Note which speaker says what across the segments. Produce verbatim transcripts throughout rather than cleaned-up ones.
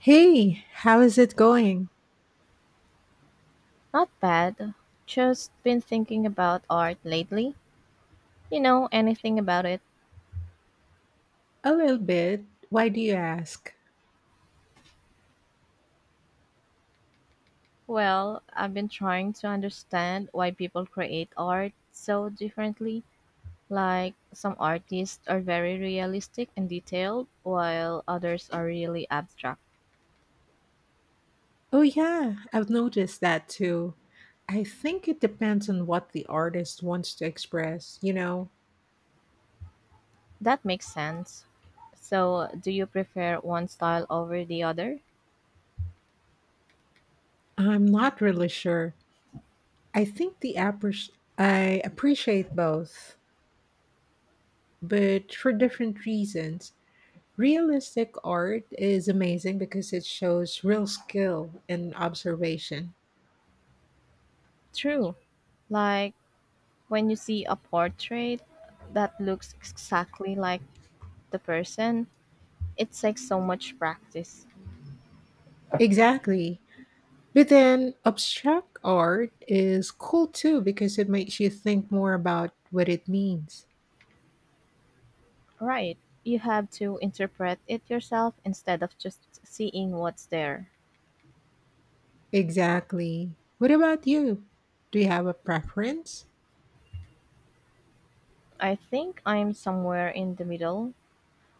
Speaker 1: Hey, how is it going?
Speaker 2: Not bad. Just been thinking about art lately. You know anything about it?
Speaker 1: A little bit. Why do you ask?
Speaker 2: Well, I've been trying to understand why people create art so differently. Like, some artists are very realistic and detailed, while others are really abstract.
Speaker 1: Oh, yeah, I've noticed that too. I think it depends on what the artist wants to express, you know?
Speaker 2: That makes sense. So, do you prefer one style over the other?
Speaker 1: I'm not really sure. I think the appre- I appreciate both, but for different reasons. Realistic art is amazing because it shows real skill and observation.
Speaker 2: True. Like, when you see a portrait that looks exactly like the person, it takes so much practice.
Speaker 1: Exactly. But then abstract art is cool too because it makes you think more about what it means.
Speaker 2: Right. You have to interpret it yourself instead of just seeing what's there.
Speaker 1: Exactly. What about you? Do you have a preference?
Speaker 2: I think I'm somewhere in the middle.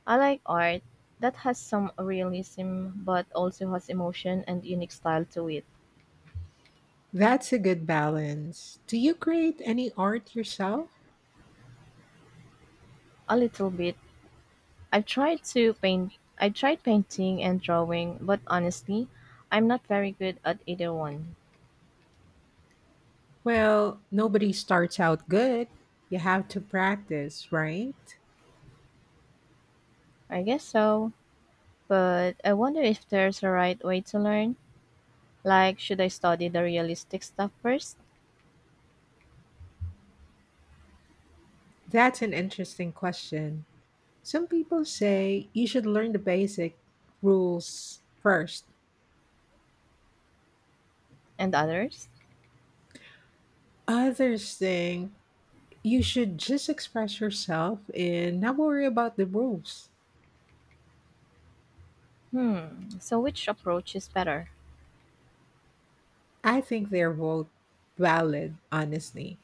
Speaker 2: I like art that has some realism but also has emotion and unique style to it.
Speaker 1: That's a good balance. Do you create any art yourself?
Speaker 2: A little bit. I've tried to paint I tried painting and drawing, but honestly, I'm not very good at either one.
Speaker 1: Well, nobody starts out good. You have to practice, right?
Speaker 2: I guess so. But I wonder if there's a right way to learn. Like, should I study the realistic stuff first
Speaker 1: That's an interesting question. Some people say you should learn the basic rules first.
Speaker 2: and others?
Speaker 1: Others think you should just express yourself and not worry about the rules.
Speaker 2: Hmm, so which approach is better?
Speaker 1: I think they're both valid, honestly.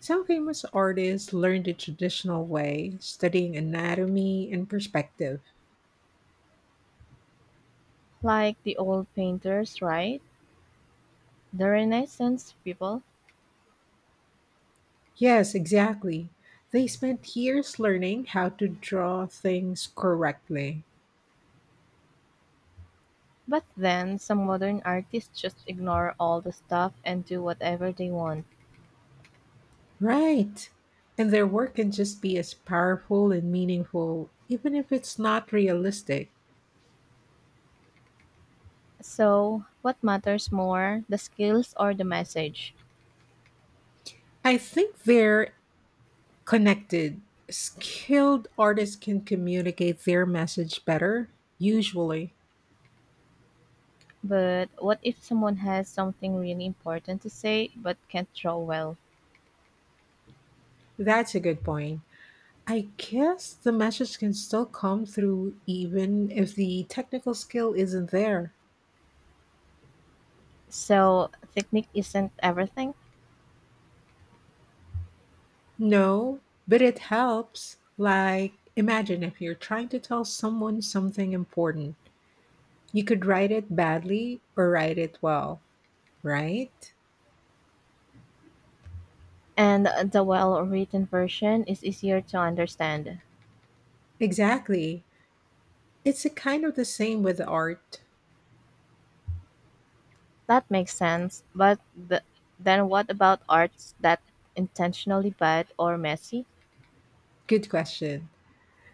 Speaker 1: Some famous artists learned the traditional way, studying anatomy and perspective.
Speaker 2: Like the old painters, right? The Renaissance people?
Speaker 1: Yes, exactly. They spent years learning how to draw things correctly.
Speaker 2: But then some modern artists just ignore all the stuff and do whatever they want.
Speaker 1: Right. And their work can just be as powerful and meaningful, even if it's not realistic.
Speaker 2: So, what matters more, the skills or the message?
Speaker 1: I think they're connected. Skilled artists can communicate their message better, usually.
Speaker 2: But what if someone has something really important to say but can't draw well?
Speaker 1: That's a good point. I guess the message can still come through even if the technical skill isn't there.
Speaker 2: So, technique isn't everything?
Speaker 1: No, but it helps. Like, imagine if you're trying to tell someone something important. You could write it badly or write it well, right?
Speaker 2: And the well-written version is easier to understand.
Speaker 1: Exactly. It's a kind of the same with art.
Speaker 2: That makes sense. But th- then what about arts that intentionally bad or messy?
Speaker 1: Good question.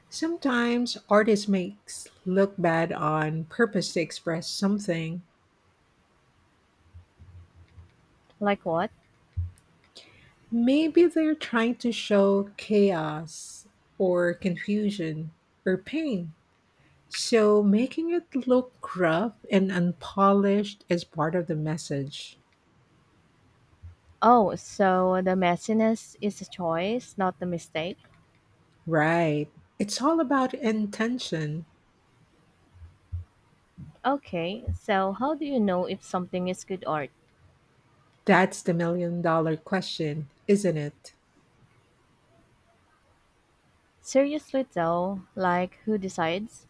Speaker 1: Sometimes artists makes look bad on purpose to express something.
Speaker 2: Like what?
Speaker 1: Maybe they're trying to show chaos or confusion or pain. So making it look rough and unpolished is part of the message.
Speaker 2: Oh, so the messiness is a choice, not a mistake.
Speaker 1: Right. It's all about intention.
Speaker 2: Okay, so how do you know if something is good art?
Speaker 1: That's the million dollar question, isn't it?
Speaker 2: Seriously though, like who decides?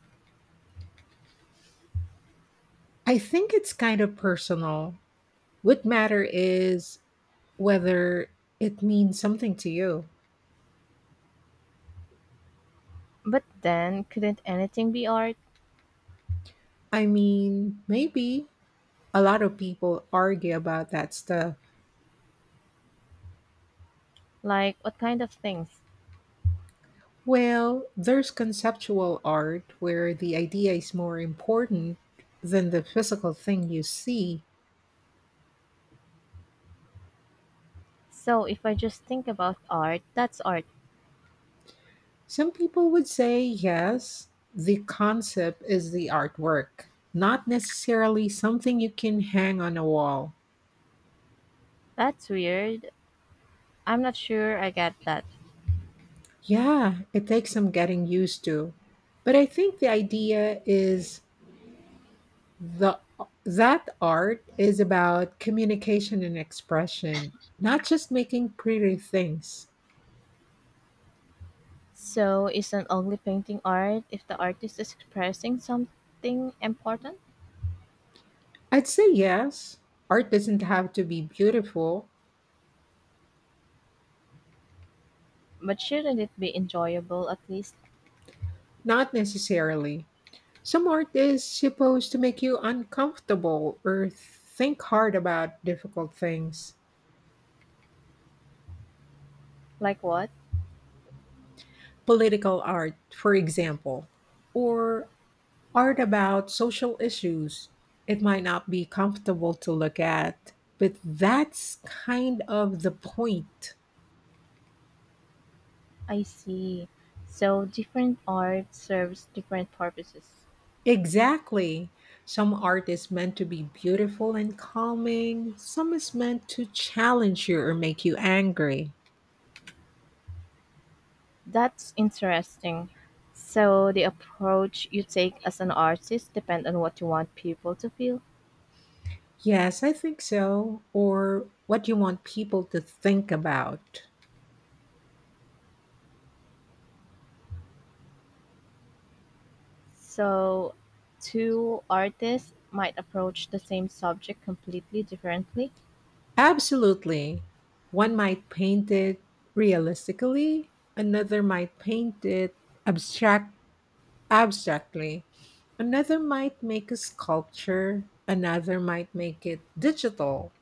Speaker 1: I think it's kind of personal. What matter is whether it means something to you.
Speaker 2: But then couldn't anything be art?
Speaker 1: I mean, maybe a lot of people argue about that stuff.
Speaker 2: Like what kind of things?
Speaker 1: Well, there's conceptual art where the idea is more important than the physical thing you see.
Speaker 2: So if I just think about art, that's art.
Speaker 1: Some people would say yes, the concept is the artwork, not necessarily something you can hang on a wall.
Speaker 2: That's weird. I'm not sure I get that.
Speaker 1: Yeah, it takes some getting used to. But I think the idea is the that art is about communication and expression, not just making pretty things.
Speaker 2: So, isn't only painting art if the artist is expressing something important?
Speaker 1: I'd say yes. Art doesn't have to be beautiful,
Speaker 2: But shouldn't it be enjoyable at least?
Speaker 1: not necessarily. Some art is supposed to make you uncomfortable or think hard about difficult things.
Speaker 2: Like what?
Speaker 1: Political art, for example, or art about social issues. It might not be comfortable to look at, but that's kind of the point.
Speaker 2: I see. So, different art serves different purposes.
Speaker 1: Exactly. Some art is meant to be beautiful and calming, some is meant to challenge you or make you angry.
Speaker 2: That's interesting. So, the approach you take as an artist depends on what you want people to feel.
Speaker 1: Yes, I think so. Or what you want people to think about.
Speaker 2: So, two artists might approach the same subject completely differently
Speaker 1: Absolutely. One might paint it realistically, another might paint it abstract abstractly. Another might make a sculpture, another might make it digital.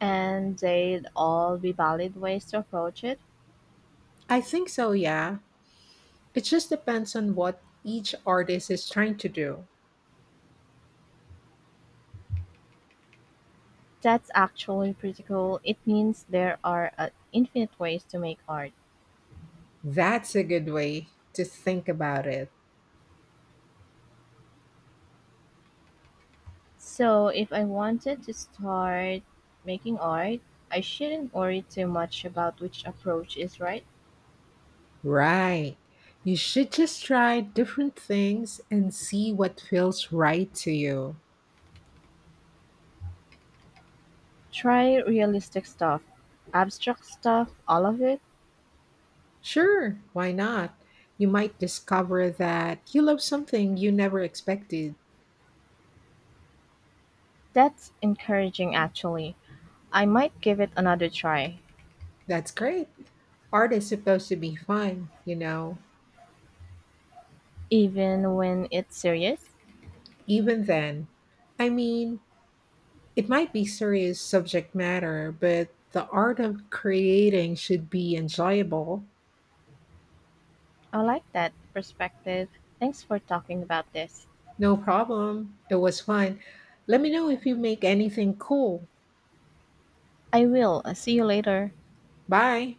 Speaker 2: and they'd all be valid ways to approach it.
Speaker 1: I think so, yeah. It just depends on what each artist is trying to do.
Speaker 2: That's actually pretty cool. It means there are uh, infinite ways to make art.
Speaker 1: That's a good way to think about it.
Speaker 2: So if I wanted to start making art, I shouldn't worry too much about which approach is right.
Speaker 1: Right. You should just try different things and see what feels right to you.
Speaker 2: Try realistic stuff, abstract stuff, all of it.
Speaker 1: Sure, why not? You might discover that you love something you never expected.
Speaker 2: That's encouraging actually. I might give it another try,
Speaker 1: That's great. Art is supposed to be fun, you know,
Speaker 2: even when it's serious.
Speaker 1: even then. I mean, it might be serious subject matter, but the art of creating should be enjoyable.
Speaker 2: I like that perspective. Thanks for talking about this.
Speaker 1: No problem. It was fun. Let me know if you make anything cool.
Speaker 2: I will. Uh, See you later.
Speaker 1: Bye.